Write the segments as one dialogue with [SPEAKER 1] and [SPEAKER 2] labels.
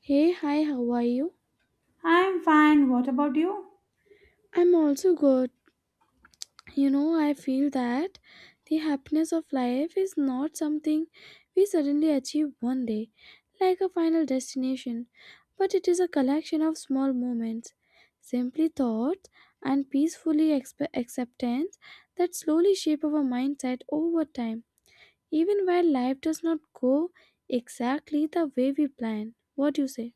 [SPEAKER 1] Hey, hi, how are you?
[SPEAKER 2] I'm fine. What about you?
[SPEAKER 1] I'm also good. You know, I feel that the happiness of life is not something we suddenly achieve one day, like a final destination, but it is a collection of small moments, simply thoughts, and peacefully acceptance that slowly shape our mindset over time, even while life does not go exactly the way we plan. What do you say?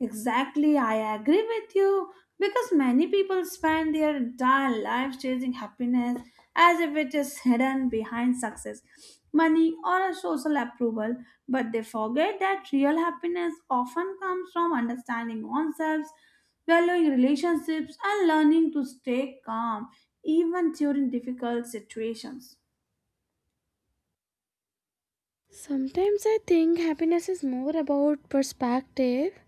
[SPEAKER 2] Exactly, I agree with you because many people spend their entire lives chasing happiness as if it is hidden behind success, money, or a social approval, but they forget that real happiness often comes from understanding oneself, valuing relationships, and learning to stay calm even during difficult situations.
[SPEAKER 1] Sometimes I think happiness is more about perspective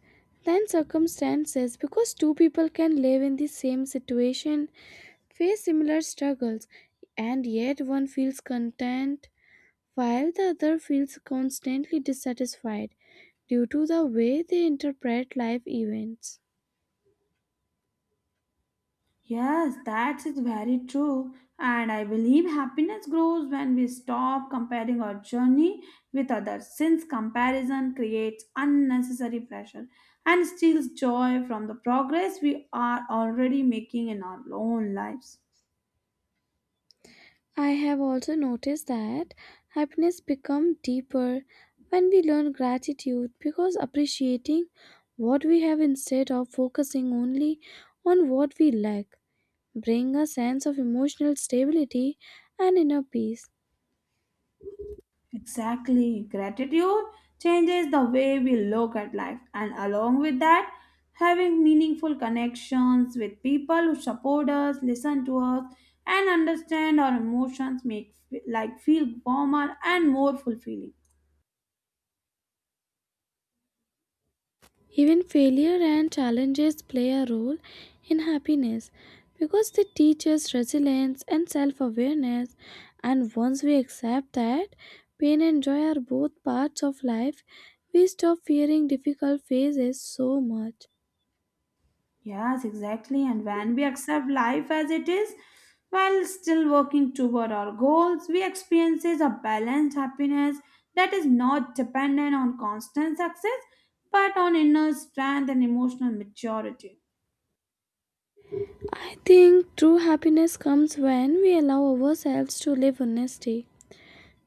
[SPEAKER 1] than circumstances because two people can live in the same situation, face similar struggles, and yet one feels content while the other feels constantly dissatisfied due to the way they interpret life events.
[SPEAKER 2] Yes, that is very true. And I believe happiness grows when we stop comparing our journey with others, since comparison creates unnecessary pressure and steals joy from the progress we are already making in our own lives.
[SPEAKER 1] I have also noticed that happiness becomes deeper when we learn gratitude because appreciating what we have instead of focusing only on what we lack bring a sense of emotional stability and inner peace.
[SPEAKER 2] Exactly. Gratitude changes the way we look at life, and along with that, having meaningful connections with people who support us, listen to us, and understand our emotions make feel warmer and more fulfilling.
[SPEAKER 1] Even failure and challenges play a role in happiness because they teach us resilience and self awareness. And once we accept that pain and joy are both parts of life, we stop fearing difficult phases so much.
[SPEAKER 2] Yes, exactly. And when we accept life as it is, while still working toward our goals, we experience a balanced happiness that is not dependent on constant success, but on inner strength and emotional maturity.
[SPEAKER 1] I think true happiness comes when we allow ourselves to live honestly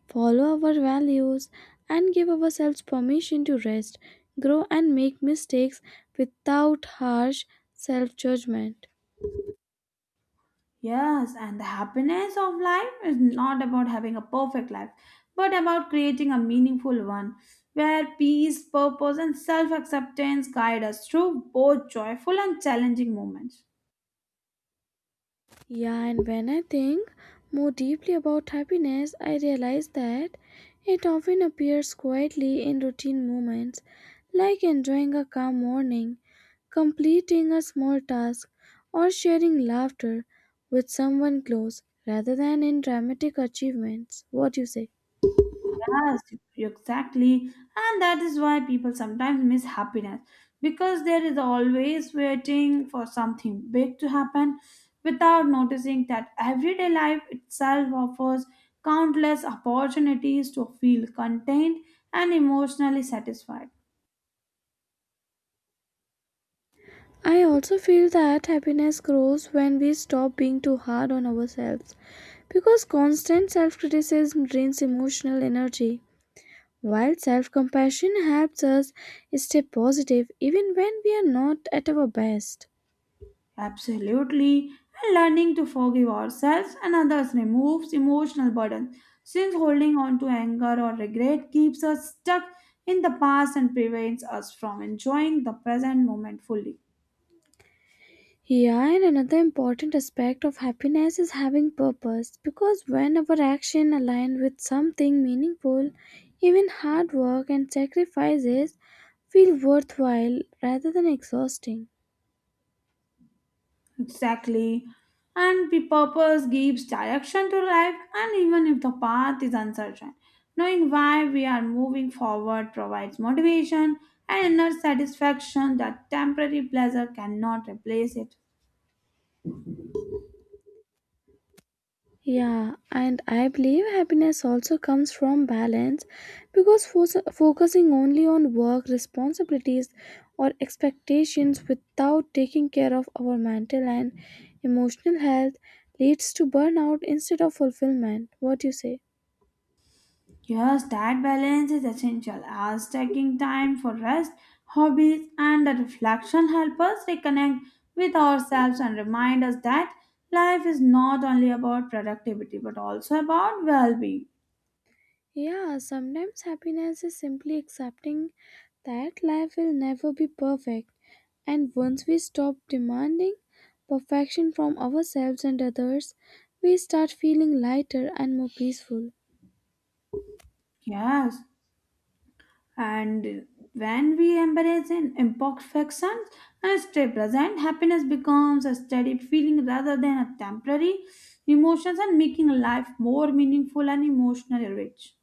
[SPEAKER 1] follow our values, and give ourselves permission to rest, grow, and make mistakes without harsh self judgment.
[SPEAKER 2] Yes, and the happiness of life is not about having a perfect life, but about creating a meaningful one where peace, purpose, and self acceptance guide us through both joyful and challenging moments.
[SPEAKER 1] Yeah, and when I think more deeply about happiness, I realize that it often appears quietly in routine moments like enjoying a calm morning, completing a small task, or sharing laughter with someone close rather than in dramatic achievements. What do you say?
[SPEAKER 2] Yes, exactly. And that is why people sometimes miss happiness because there is always waiting for something big to happen without noticing that everyday life itself offers countless opportunities to feel content and emotionally satisfied.
[SPEAKER 1] I also feel that happiness grows when we stop being too hard on ourselves because constant self criticism drains emotional energy, while self compassion helps us stay positive even when we are not at our best.
[SPEAKER 2] Absolutely. And learning to forgive ourselves and others removes emotional burden, since holding on to anger or regret keeps us stuck in the past and prevents us from enjoying the present moment fully.
[SPEAKER 1] Here, and another important aspect of happiness is having purpose because when our action align with something meaningful, even hard work and sacrifices feel worthwhile rather than exhausting.
[SPEAKER 2] Exactly. And the purpose gives direction to life, and even if the path is uncertain, knowing why we are moving forward provides motivation and inner satisfaction that temporary pleasure cannot replace it.
[SPEAKER 1] Yeah, and I believe happiness also comes from balance because focusing only on work responsibilities or expectations without taking care of our mental and emotional health leads to burnout instead of fulfillment. What do you say?
[SPEAKER 2] Yes, that balance is essential as taking time for rest, hobbies, and the reflection help us reconnect with ourselves and remind us that life is not only about productivity but also about well being.
[SPEAKER 1] Yeah, sometimes happiness is simply accepting that life will never be perfect. And once we stop demanding perfection from ourselves and others, we start feeling lighter and more peaceful.
[SPEAKER 2] Yes, and when we embrace in imperfections and stay present, happiness becomes a steady feeling rather than a temporary emotions and making life more meaningful and emotionally rich.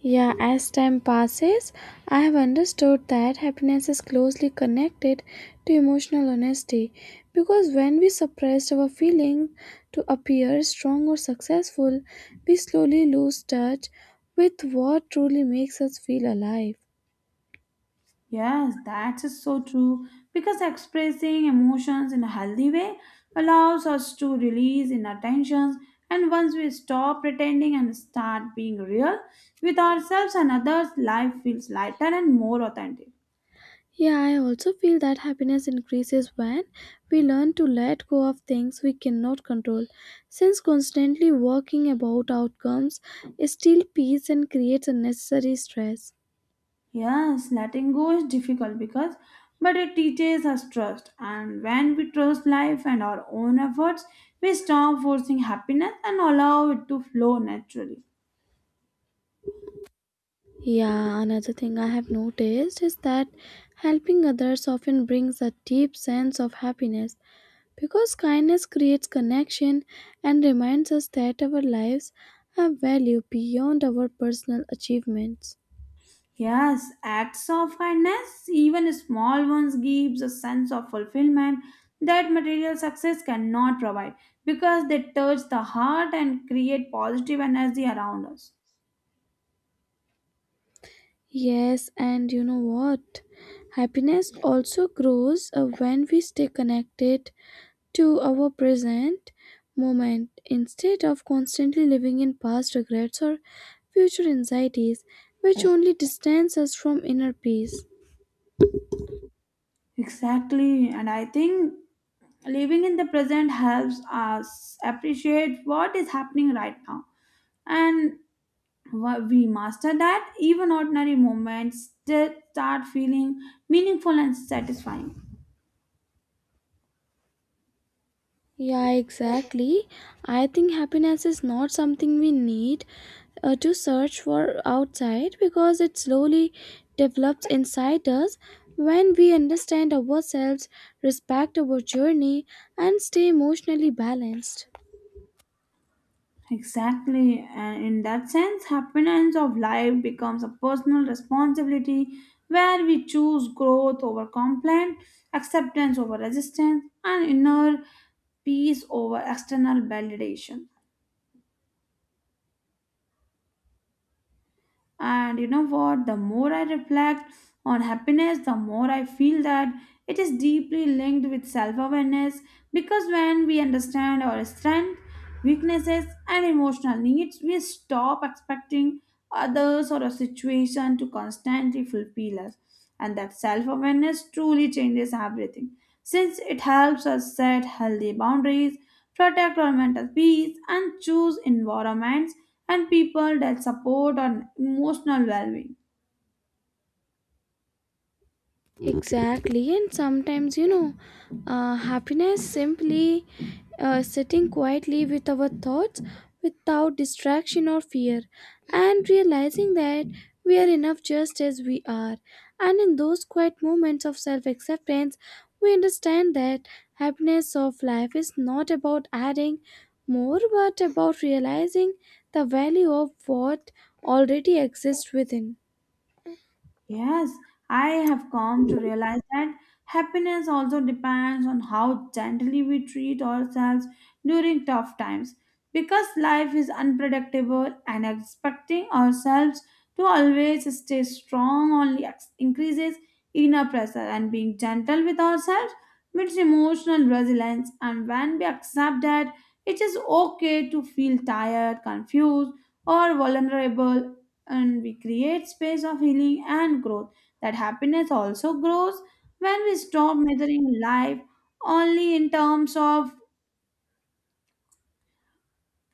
[SPEAKER 1] Yeah, as time passes, I have understood that happiness is closely connected to emotional honesty because when we suppress our feelings to appear strong or successful, we slowly lose touch with what truly makes us feel alive.
[SPEAKER 2] Yes, that's so true. Because expressing emotions in a healthy way allows us to release inner tensions, and once we stop pretending and start being real with ourselves and others, life feels lighter and more authentic.
[SPEAKER 1] Yeah, I also feel that happiness increases when we learn to let go of things we cannot control. Since constantly working about outcomes steals peace and creates unnecessary stress.
[SPEAKER 2] Yes, letting go is difficult because, but it teaches us trust, and when we trust life and our own efforts, we stop forcing happiness and allow it to flow naturally.
[SPEAKER 1] Yeah, another thing I have noticed is that helping others often brings a deep sense of happiness because kindness creates connection and reminds us that our lives have value beyond our personal achievements.
[SPEAKER 2] Yes, acts of kindness, even small ones, gives a sense of fulfillment that material success cannot provide because they touch the heart and create positive energy around us.
[SPEAKER 1] Yes, and you know what? Happiness also grows when we stay connected to our present moment instead of constantly living in past regrets or future anxieties, which only distance us from inner peace.
[SPEAKER 2] Exactly, and I think living in the present helps us appreciate what is happening right now. And we master that, even ordinary moments still start feeling meaningful and satisfying.
[SPEAKER 1] Yeah, exactly. I think happiness is not something we need to search for outside because it slowly develops inside us when we understand ourselves, respect our journey, and stay emotionally balanced.
[SPEAKER 2] Exactly, and in that sense, happiness of life becomes a personal responsibility where we choose growth over complaint, acceptance over resistance, and inner peace over external validation. And you know what? The more I reflect on happiness, the more I feel that it is deeply linked with self awareness because when we understand our strengths, weaknesses, and emotional needs, we stop expecting others or a situation to constantly fulfill us. And that self awareness truly changes everything since it helps us set healthy boundaries, protect our mental peace, and choose environments and people that support on emotional well-being.
[SPEAKER 1] Exactly, and sometimes you know, happiness simply sitting quietly with our thoughts without distraction or fear, and realizing that we are enough just as we are. And in those quiet moments of self acceptance, we understand that happiness of life is not about adding more but about realizing the value of what already exists within.
[SPEAKER 2] Yes, I have come to realize that happiness also depends on how gently we treat ourselves during tough times. Because life is unpredictable and expecting ourselves to always stay strong only increases inner pressure, and being gentle with ourselves means emotional resilience. And when we accept that it is okay to feel tired, confused, or vulnerable and we create space of healing and growth. That happiness also grows when we stop measuring life only in terms of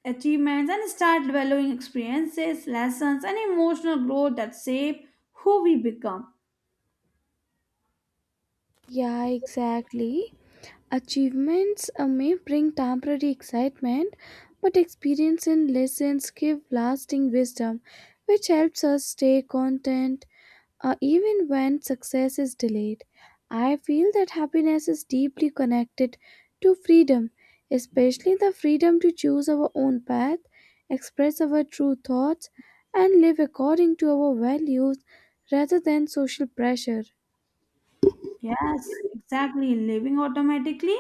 [SPEAKER 2] achievements and start valuing experiences, lessons, and emotional growth that shape who we become.
[SPEAKER 1] Yeah, exactly. Achievements may bring temporary excitement, but experience and lessons give lasting wisdom, which helps us stay content even when success is delayed. I feel that happiness is deeply connected to freedom, especially the freedom to choose our own path, express our true thoughts, and live according to our values rather than social pressure.
[SPEAKER 2] Yes, exactly. Living automatically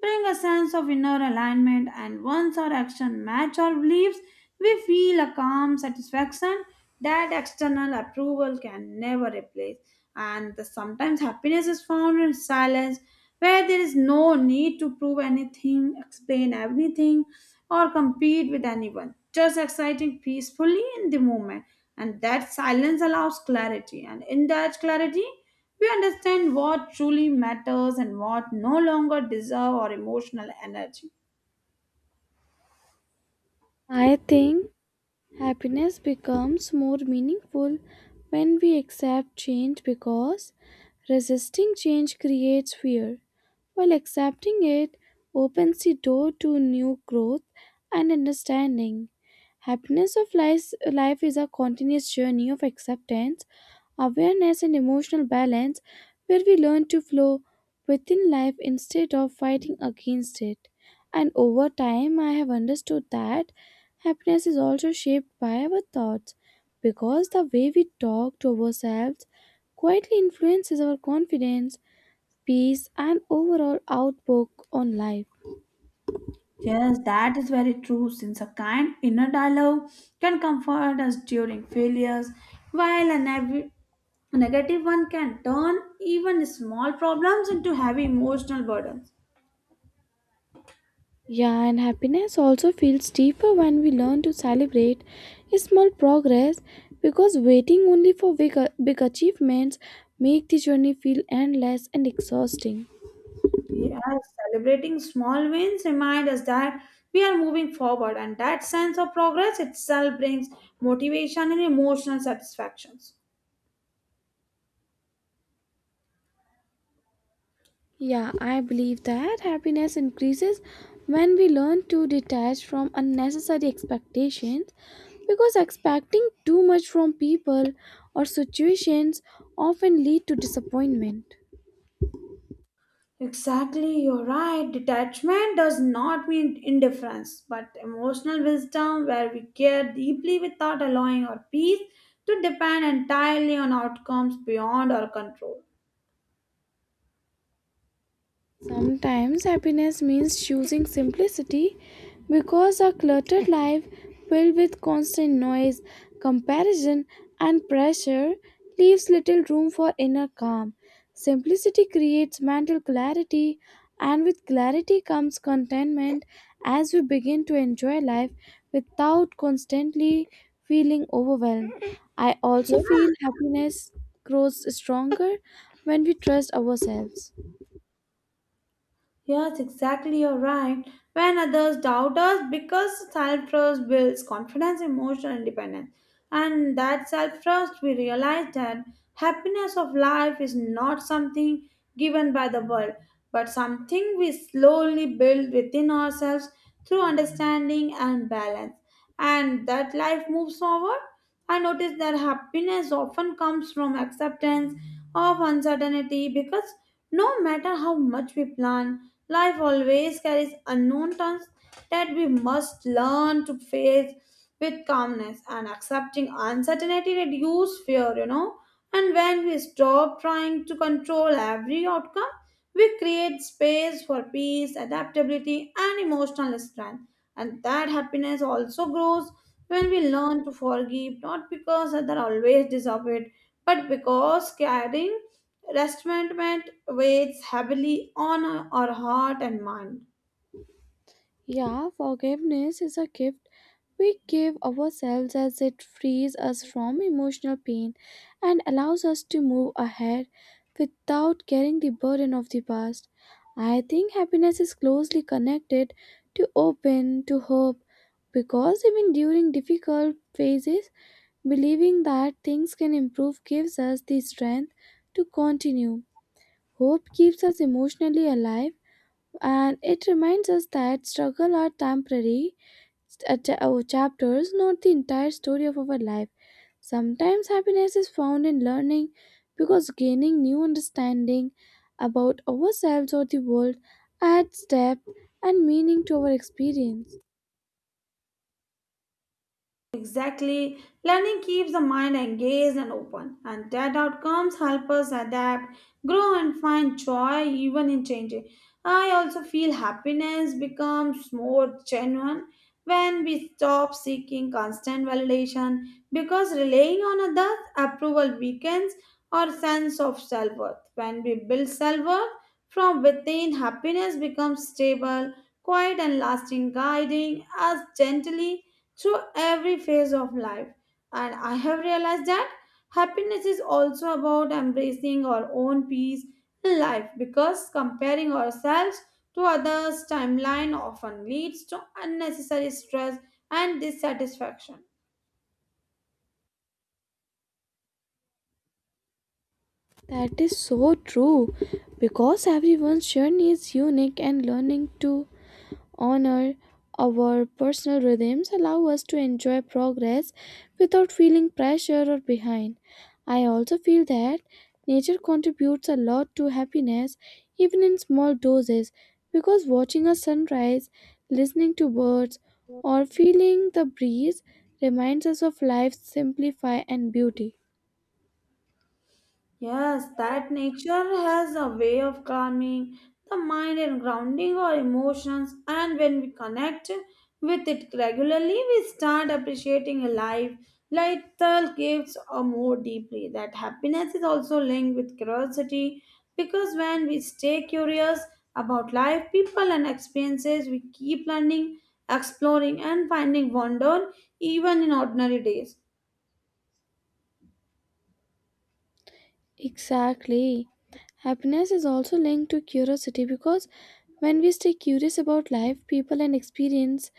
[SPEAKER 2] bring a sense of inner alignment and once our action match our beliefs, we feel a calm satisfaction that external approval can never replace. And sometimes happiness is found in silence where there is no need to prove anything, explain everything or compete with anyone. Just exciting peacefully in the moment and that silence allows clarity and in that clarity we understand what truly matters and what no longer deserve our emotional energy.
[SPEAKER 1] I think happiness becomes more meaningful when we accept change because resisting change creates fear, while accepting it opens the door to new growth and understanding. Happiness of life, life is a continuous journey of acceptance, awareness, and emotional balance where we learn to flow within life instead of fighting against it. And over time, I have understood that happiness is also shaped by our thoughts because the way we talk to ourselves quietly influences our confidence, peace, and overall outlook on life.
[SPEAKER 2] Yes, that is very true since a kind inner dialogue can comfort us during failures while a negative every negative one can turn even small problems into heavy emotional burdens.
[SPEAKER 1] Yeah, and happiness also feels deeper when we learn to celebrate small progress because waiting only for big, big achievements make the journey feel endless and exhausting.
[SPEAKER 2] Yes, celebrating small wins remind us that we are moving forward, and that sense of progress itself brings motivation and emotional satisfactions.
[SPEAKER 1] Yeah, I believe that happiness increases when we learn to detach from unnecessary expectations because expecting too much from people or situations often lead to disappointment.
[SPEAKER 2] Exactly, you're right. Detachment does not mean indifference, but emotional wisdom where we care deeply without allowing our peace to depend entirely on outcomes beyond our control.
[SPEAKER 1] Sometimes happiness means choosing simplicity because a cluttered life filled with constant noise, comparison, and pressure leaves little room for inner calm. Simplicity creates mental clarity, and with clarity comes contentment as we begin to enjoy life without constantly feeling overwhelmed. I
[SPEAKER 2] Yeah.
[SPEAKER 1] also feel happiness grows stronger when we trust ourselves.
[SPEAKER 2] Yes, exactly, you're right. When others doubt us, because self trust builds confidence, emotional independence. And that self trust, we realize that happiness of life is not something given by the world, but something we slowly build within ourselves through understanding and balance. And that life moves forward I noticed that happiness often comes from acceptance of uncertainty because no matter how much we plan, life always carries unknown turns that we must learn to face with calmness and accepting uncertainty reduces fear, you know. And when we stop trying to control every outcome, we create space for peace, adaptability, and emotional strength. And that happiness also grows when we learn to forgive not because others always deserve it but because carrying resentment weighs heavily on our heart and mind.
[SPEAKER 1] Yeah, forgiveness is a gift we give ourselves as it frees us from emotional pain and allows us to move ahead without carrying the burden of the past. I think happiness is closely connected to open, to hope, because even during difficult phases, believing that things can improve gives us the strength to continue. Hope keeps us emotionally alive and it reminds us that struggle are temporary chapters, not the entire story of our life. Sometimes happiness is found in learning because gaining new understanding about ourselves or the world adds depth and meaning to our experience.
[SPEAKER 2] Exactly. Learning keeps the mind engaged and open, and that outcomes help us adapt, grow, and find joy even in changing. I also feel happiness becomes more genuine when we stop seeking constant validation because relying on others' approval weakens our sense of self worth. When we build self worth from within, happiness becomes stable, quiet, and lasting, guiding us gently through every phase of life. And I have realized that happiness is also about embracing our own peace in life because comparing ourselves to others' timeline often leads to unnecessary stress and dissatisfaction.
[SPEAKER 1] That is so true because everyone's journey is unique and learning too honor our personal rhythms, allow us to enjoy progress without feeling pressure or behind. I also feel that nature contributes a lot to happiness, even in small doses, because watching a sunrise, listening to birds, or feeling the breeze reminds us of life's simplify and beauty.
[SPEAKER 2] Yes, that nature has a way of calming the mind and grounding our emotions, and when we connect with it regularly, we start appreciating a life, like the gifts, or more deeply. That happiness is also linked with curiosity because when we stay curious about life, people, and experiences, we keep learning, exploring, and finding wonder even in ordinary days.
[SPEAKER 1] Exactly. Happiness is also linked to curiosity because when we stay curious about life, people, and experience,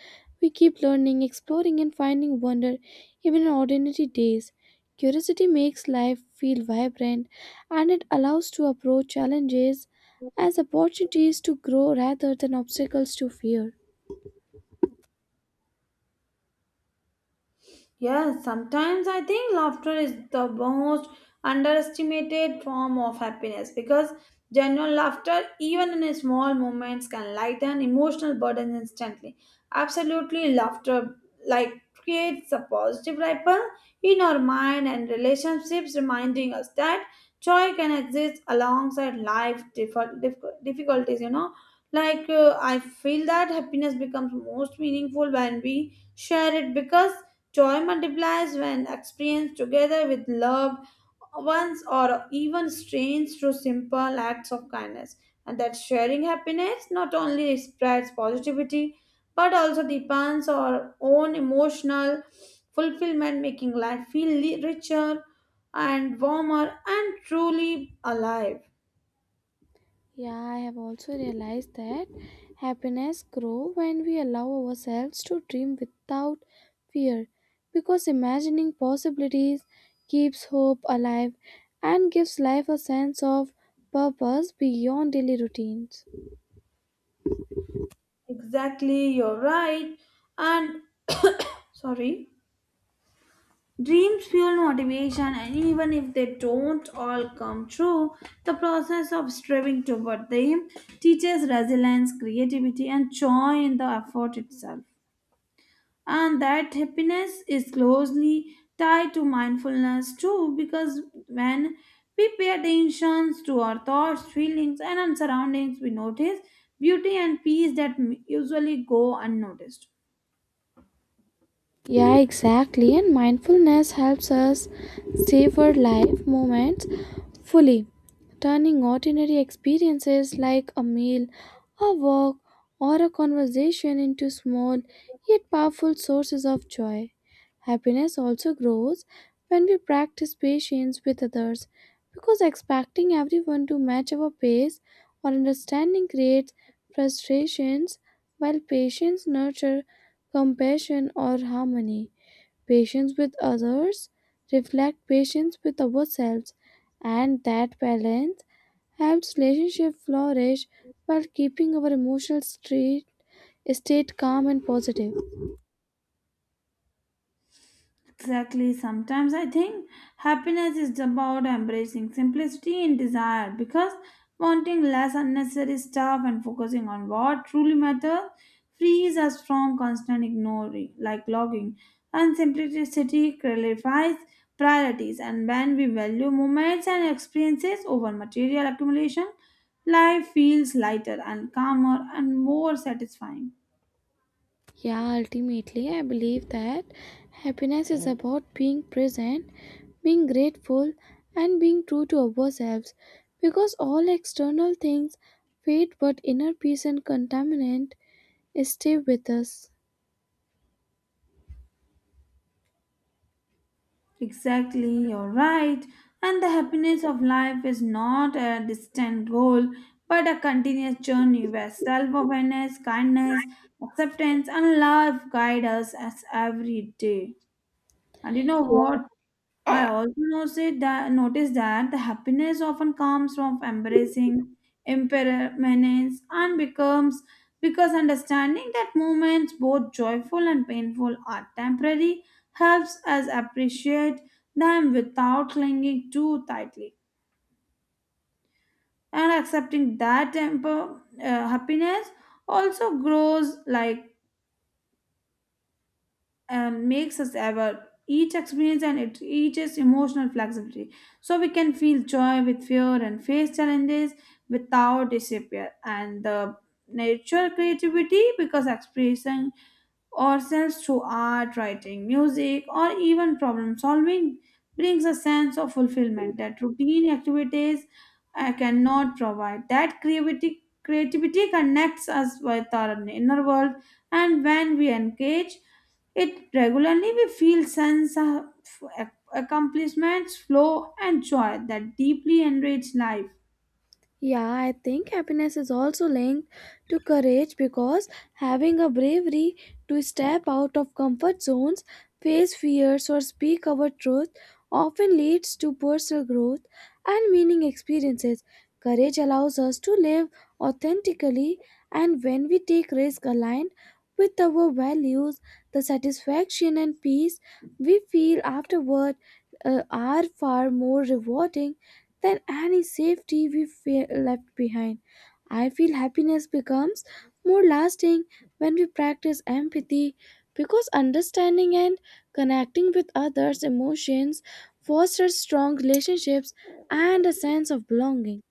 [SPEAKER 1] we keep learning, exploring, and finding wonder even in ordinary days. Curiosity makes life feel vibrant and it allows to approach challenges as opportunities to grow rather than obstacles to fear.
[SPEAKER 2] Yes, sometimes I think laughter is the most underestimated form of happiness because genuine laughter, even in small moments, can lighten emotional burden instantly. Absolutely, laughter creates a positive ripple in our mind and relationships, reminding us that joy can exist alongside life difficulties. You know, I feel that happiness becomes most meaningful when we share it because joy multiplies when experienced together with loved ones or even strangers through simple acts of kindness. And that sharing happiness not only spreads positivity but also deepens our own emotional fulfillment, making life feel richer and warmer and truly alive.
[SPEAKER 1] Yeah, I have also realized that happiness grows when we allow ourselves to dream without fear because imagining possibilities keeps hope alive and gives life a sense of purpose beyond daily routines.
[SPEAKER 2] Exactly, you're right. And sorry. Dreams fuel motivation, and even if they don't all come true, the process of striving toward them teaches resilience, creativity, and joy in the effort itself. And that happiness is closely tied to mindfulness too, because when we pay attention to our thoughts, feelings, and our surroundings, we notice beauty and peace that usually go unnoticed.
[SPEAKER 1] Yeah, exactly. And mindfulness helps us savor life moments fully, turning ordinary experiences like a meal, a walk, or a conversation into small yet powerful sources of joy. Happiness also grows when we practice patience with others because expecting everyone to match our pace or understanding creates frustrations while patience nurtures compassion or harmony. Patience with others reflects patience with ourselves, and that balance helps relationship flourish while keeping our emotional state calm and positive.
[SPEAKER 2] Exactly. Sometimes I think happiness is about embracing simplicity in desire because wanting less unnecessary stuff and focusing on what truly matters frees us from constant ignoring, like logging. And simplicity clarifies priorities, and when we value moments and experiences over material accumulation, life feels lighter and calmer and more satisfying.
[SPEAKER 1] Yeah, ultimately, I believe that happiness is about being present, being grateful, and being true to ourselves because all external things fade, but inner peace and contentment stay with us.
[SPEAKER 2] Exactly, you're right. And the happiness of life is not a distant goal, but a continuous journey where self awareness, kindness, acceptance, and love guide us as every day. And you know what? I
[SPEAKER 1] Yeah.
[SPEAKER 2] also noticed that the happiness often comes from embracing impermanence and becomes because understanding that moments, both joyful and painful, are temporary, helps us appreciate them without clinging too tightly. And accepting that happiness also grows like and makes us ever each experience and it teaches emotional flexibility so we can feel joy with fear and face challenges without despair and the nature creativity because expressing ourselves through art writing music or even problem solving brings a sense of fulfillment that routine activities cannot provide that creativity connects us with our inner world and when we engage it regularly we feel sense of accomplishments, flow, and joy that deeply enrich life.
[SPEAKER 1] Yeah, I think happiness is also linked to courage because having a bravery to step out of comfort zones, face fears, or speak our truth often leads to personal growth and meaning experiences. Courage allows us to live authentically, and when we take risks aligned with our values, the satisfaction and peace we feel afterward are far more rewarding than any safety we feel left behind. I feel happiness becomes more lasting when we practice empathy because understanding and connecting with others' emotions fosters strong relationships and a sense of belonging.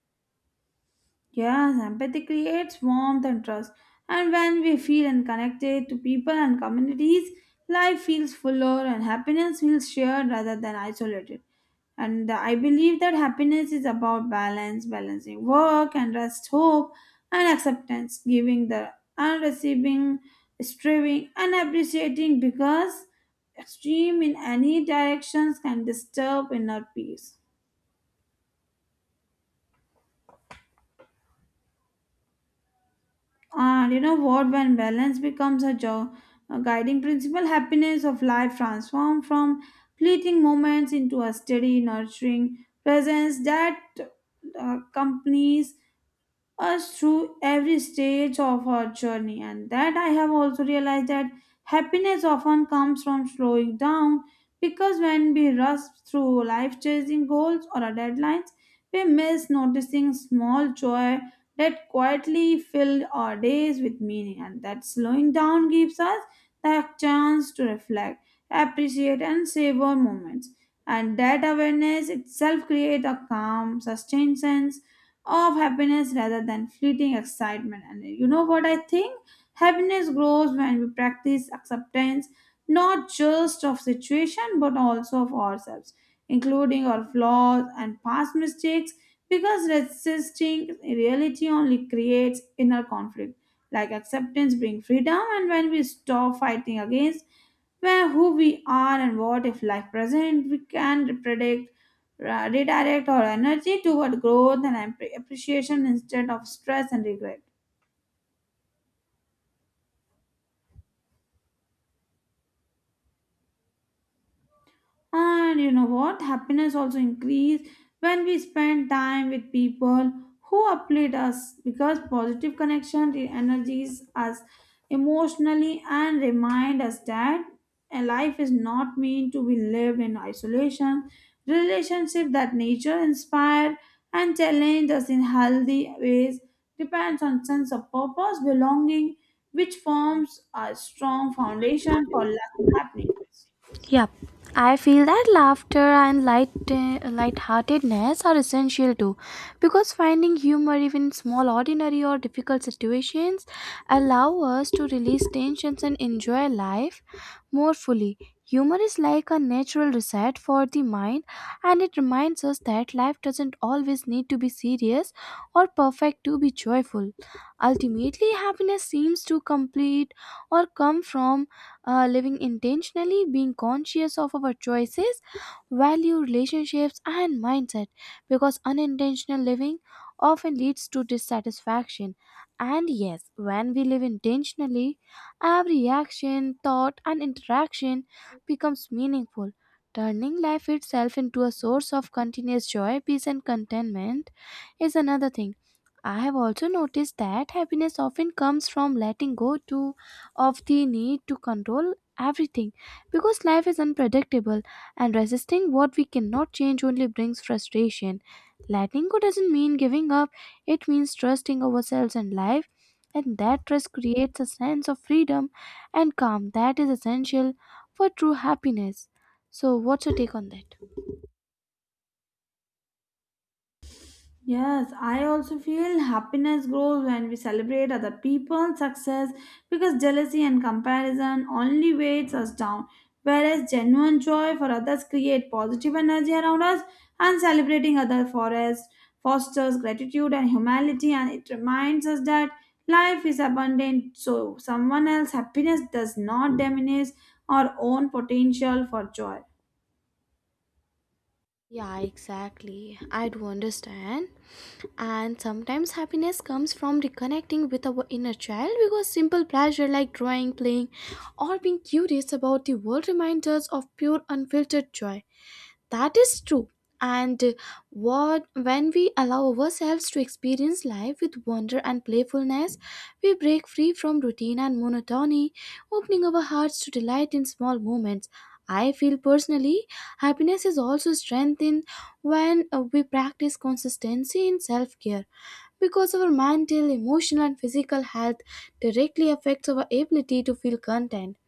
[SPEAKER 2] Yes, empathy creates warmth and trust, and when we feel and connected to people and communities, life feels fuller and happiness feels shared rather than isolated. And I believe that happiness is about balance, balancing work and rest, hope and acceptance, giving the and receiving, striving and appreciating because extreme in any directions can disturb inner peace. And you know what? When balance becomes a guiding principle, happiness of life transforms from fleeting moments into a steady, nurturing presence that accompanies us through every stage of our journey. And that I have also realized that happiness often comes from slowing down because when we rush through life chasing goals or our deadlines, we miss noticing small joy that quietly filled our days with meaning and that slowing down gives us the chance to reflect, appreciate and savor moments. And that awareness itself creates a calm, sustained sense of happiness rather than fleeting excitement. And you know what I think? Happiness grows when we practice acceptance, not just of situation but also of ourselves, including our flaws and past mistakes, because resisting reality only creates inner conflict. Like acceptance brings freedom, and when we stop fighting against where who we are and what if life present we can predict redirect our energy toward growth and appreciation instead of stress and regret. And you know what? Happiness also increase when we spend time with people who uplift us because positive connection energies us emotionally and remind us that a life is not meant to be lived in isolation. Relationship that nature inspired and challenged us in healthy ways depends on sense of purpose, belonging, which forms a strong foundation for life happening.
[SPEAKER 1] Yep. I feel that laughter and lightheartedness are essential too because finding humor even in small ordinary or difficult situations allow us to release tensions and enjoy life more fully. Humor is like a natural reset for the mind, and it reminds us that life doesn't always need to be serious or perfect to be joyful. Ultimately, happiness seems to complete or come from living intentionally, being conscious of our choices, value, relationships, and mindset, because unintentional living often leads to dissatisfaction. And yes, when we live intentionally, every action, thought, and interaction becomes meaningful, turning life itself into a source of continuous joy, peace, and contentment is another thing. I have also noticed that happiness often comes from letting go to of the need to control everything because life is unpredictable and resisting what we cannot change only brings frustration. Letting go doesn't mean giving up, it means trusting ourselves and life and that trust creates a sense of freedom and calm that is essential for true happiness. So, what's your take on that?
[SPEAKER 2] Yes, I also feel happiness grows when we celebrate other people's success because jealousy and comparison only weighs us down. Whereas genuine joy for others create positive energy around us and celebrating other for us fosters gratitude and humility and it reminds us that life is abundant so someone else's happiness does not diminish our own potential for joy.
[SPEAKER 1] Yeah, exactly. I do understand. And sometimes happiness comes from reconnecting with our inner child because simple pleasure like drawing, playing, or being curious about the world reminds us of pure, unfiltered joy. That is true. And what when we allow ourselves to experience life with wonder and playfulness, we break free from routine and monotony, opening our hearts to delight in small moments. I feel personally, happiness is also strengthened when we practice consistency in self-care because our mental, emotional and physical health directly affects our ability to feel content.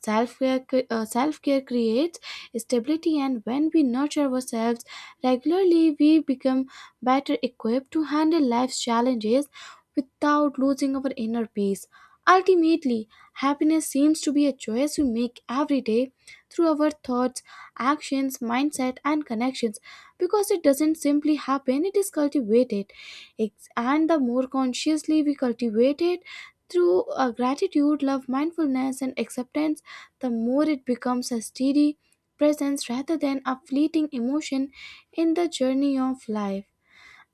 [SPEAKER 1] Self-care creates stability, and when we nurture ourselves regularly, we become better equipped to handle life's challenges without losing our inner peace. Ultimately, happiness seems to be a choice we make every day through our thoughts, actions, mindset, and connections because it doesn't simply happen, it is cultivated. And the more consciously we cultivate it, through gratitude, love, mindfulness, and acceptance the more it becomes a steady presence rather than a fleeting emotion in the journey of life.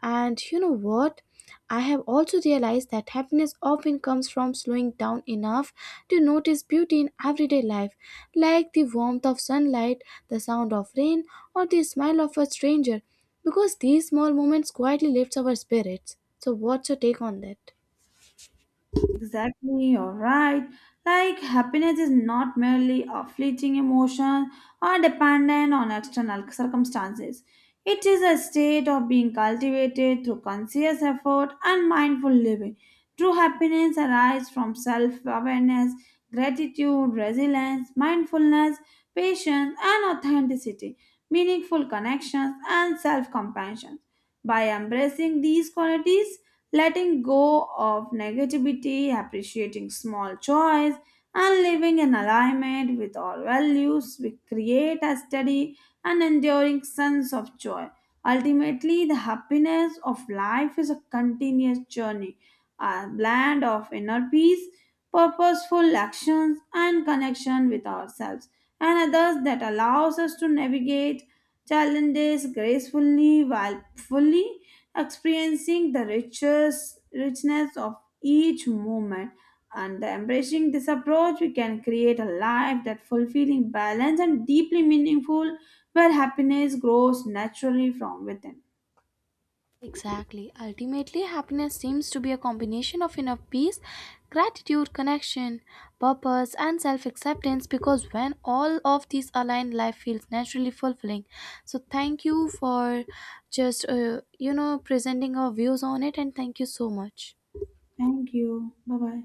[SPEAKER 1] And you know what? I have also realized that happiness often comes from slowing down enough to notice beauty in everyday life, like the warmth of sunlight, the sound of rain, or the smile of a stranger, because these small moments quietly lifts our spirits. So, what's your take on that?
[SPEAKER 2] Exactly, you're right. Like, happiness is not merely a fleeting emotion or dependent on external circumstances. It is a state of being cultivated through conscious effort and mindful living. True happiness arises from self awareness, gratitude, resilience, mindfulness, patience, and authenticity, meaningful connections, and self compassion. By embracing these qualities, letting go of negativity, appreciating small joys, and living in alignment with our values, we create a steady and enduring sense of joy. Ultimately, the happiness of life is a continuous journey, a blend of inner peace, purposeful actions, and connection with ourselves and others that allows us to navigate challenges gracefully while fully experiencing the richness of each moment. And embracing this approach, we can create a life that fulfilling, balanced, and deeply meaningful, where happiness grows naturally from within.
[SPEAKER 1] Exactly. Ultimately, happiness seems to be a combination of inner peace, gratitude, connection, purpose, and self acceptance because when all of these align, life feels naturally fulfilling. So, thank you for just, you know, presenting our views on it, and thank you so much.
[SPEAKER 2] Thank you. Bye bye.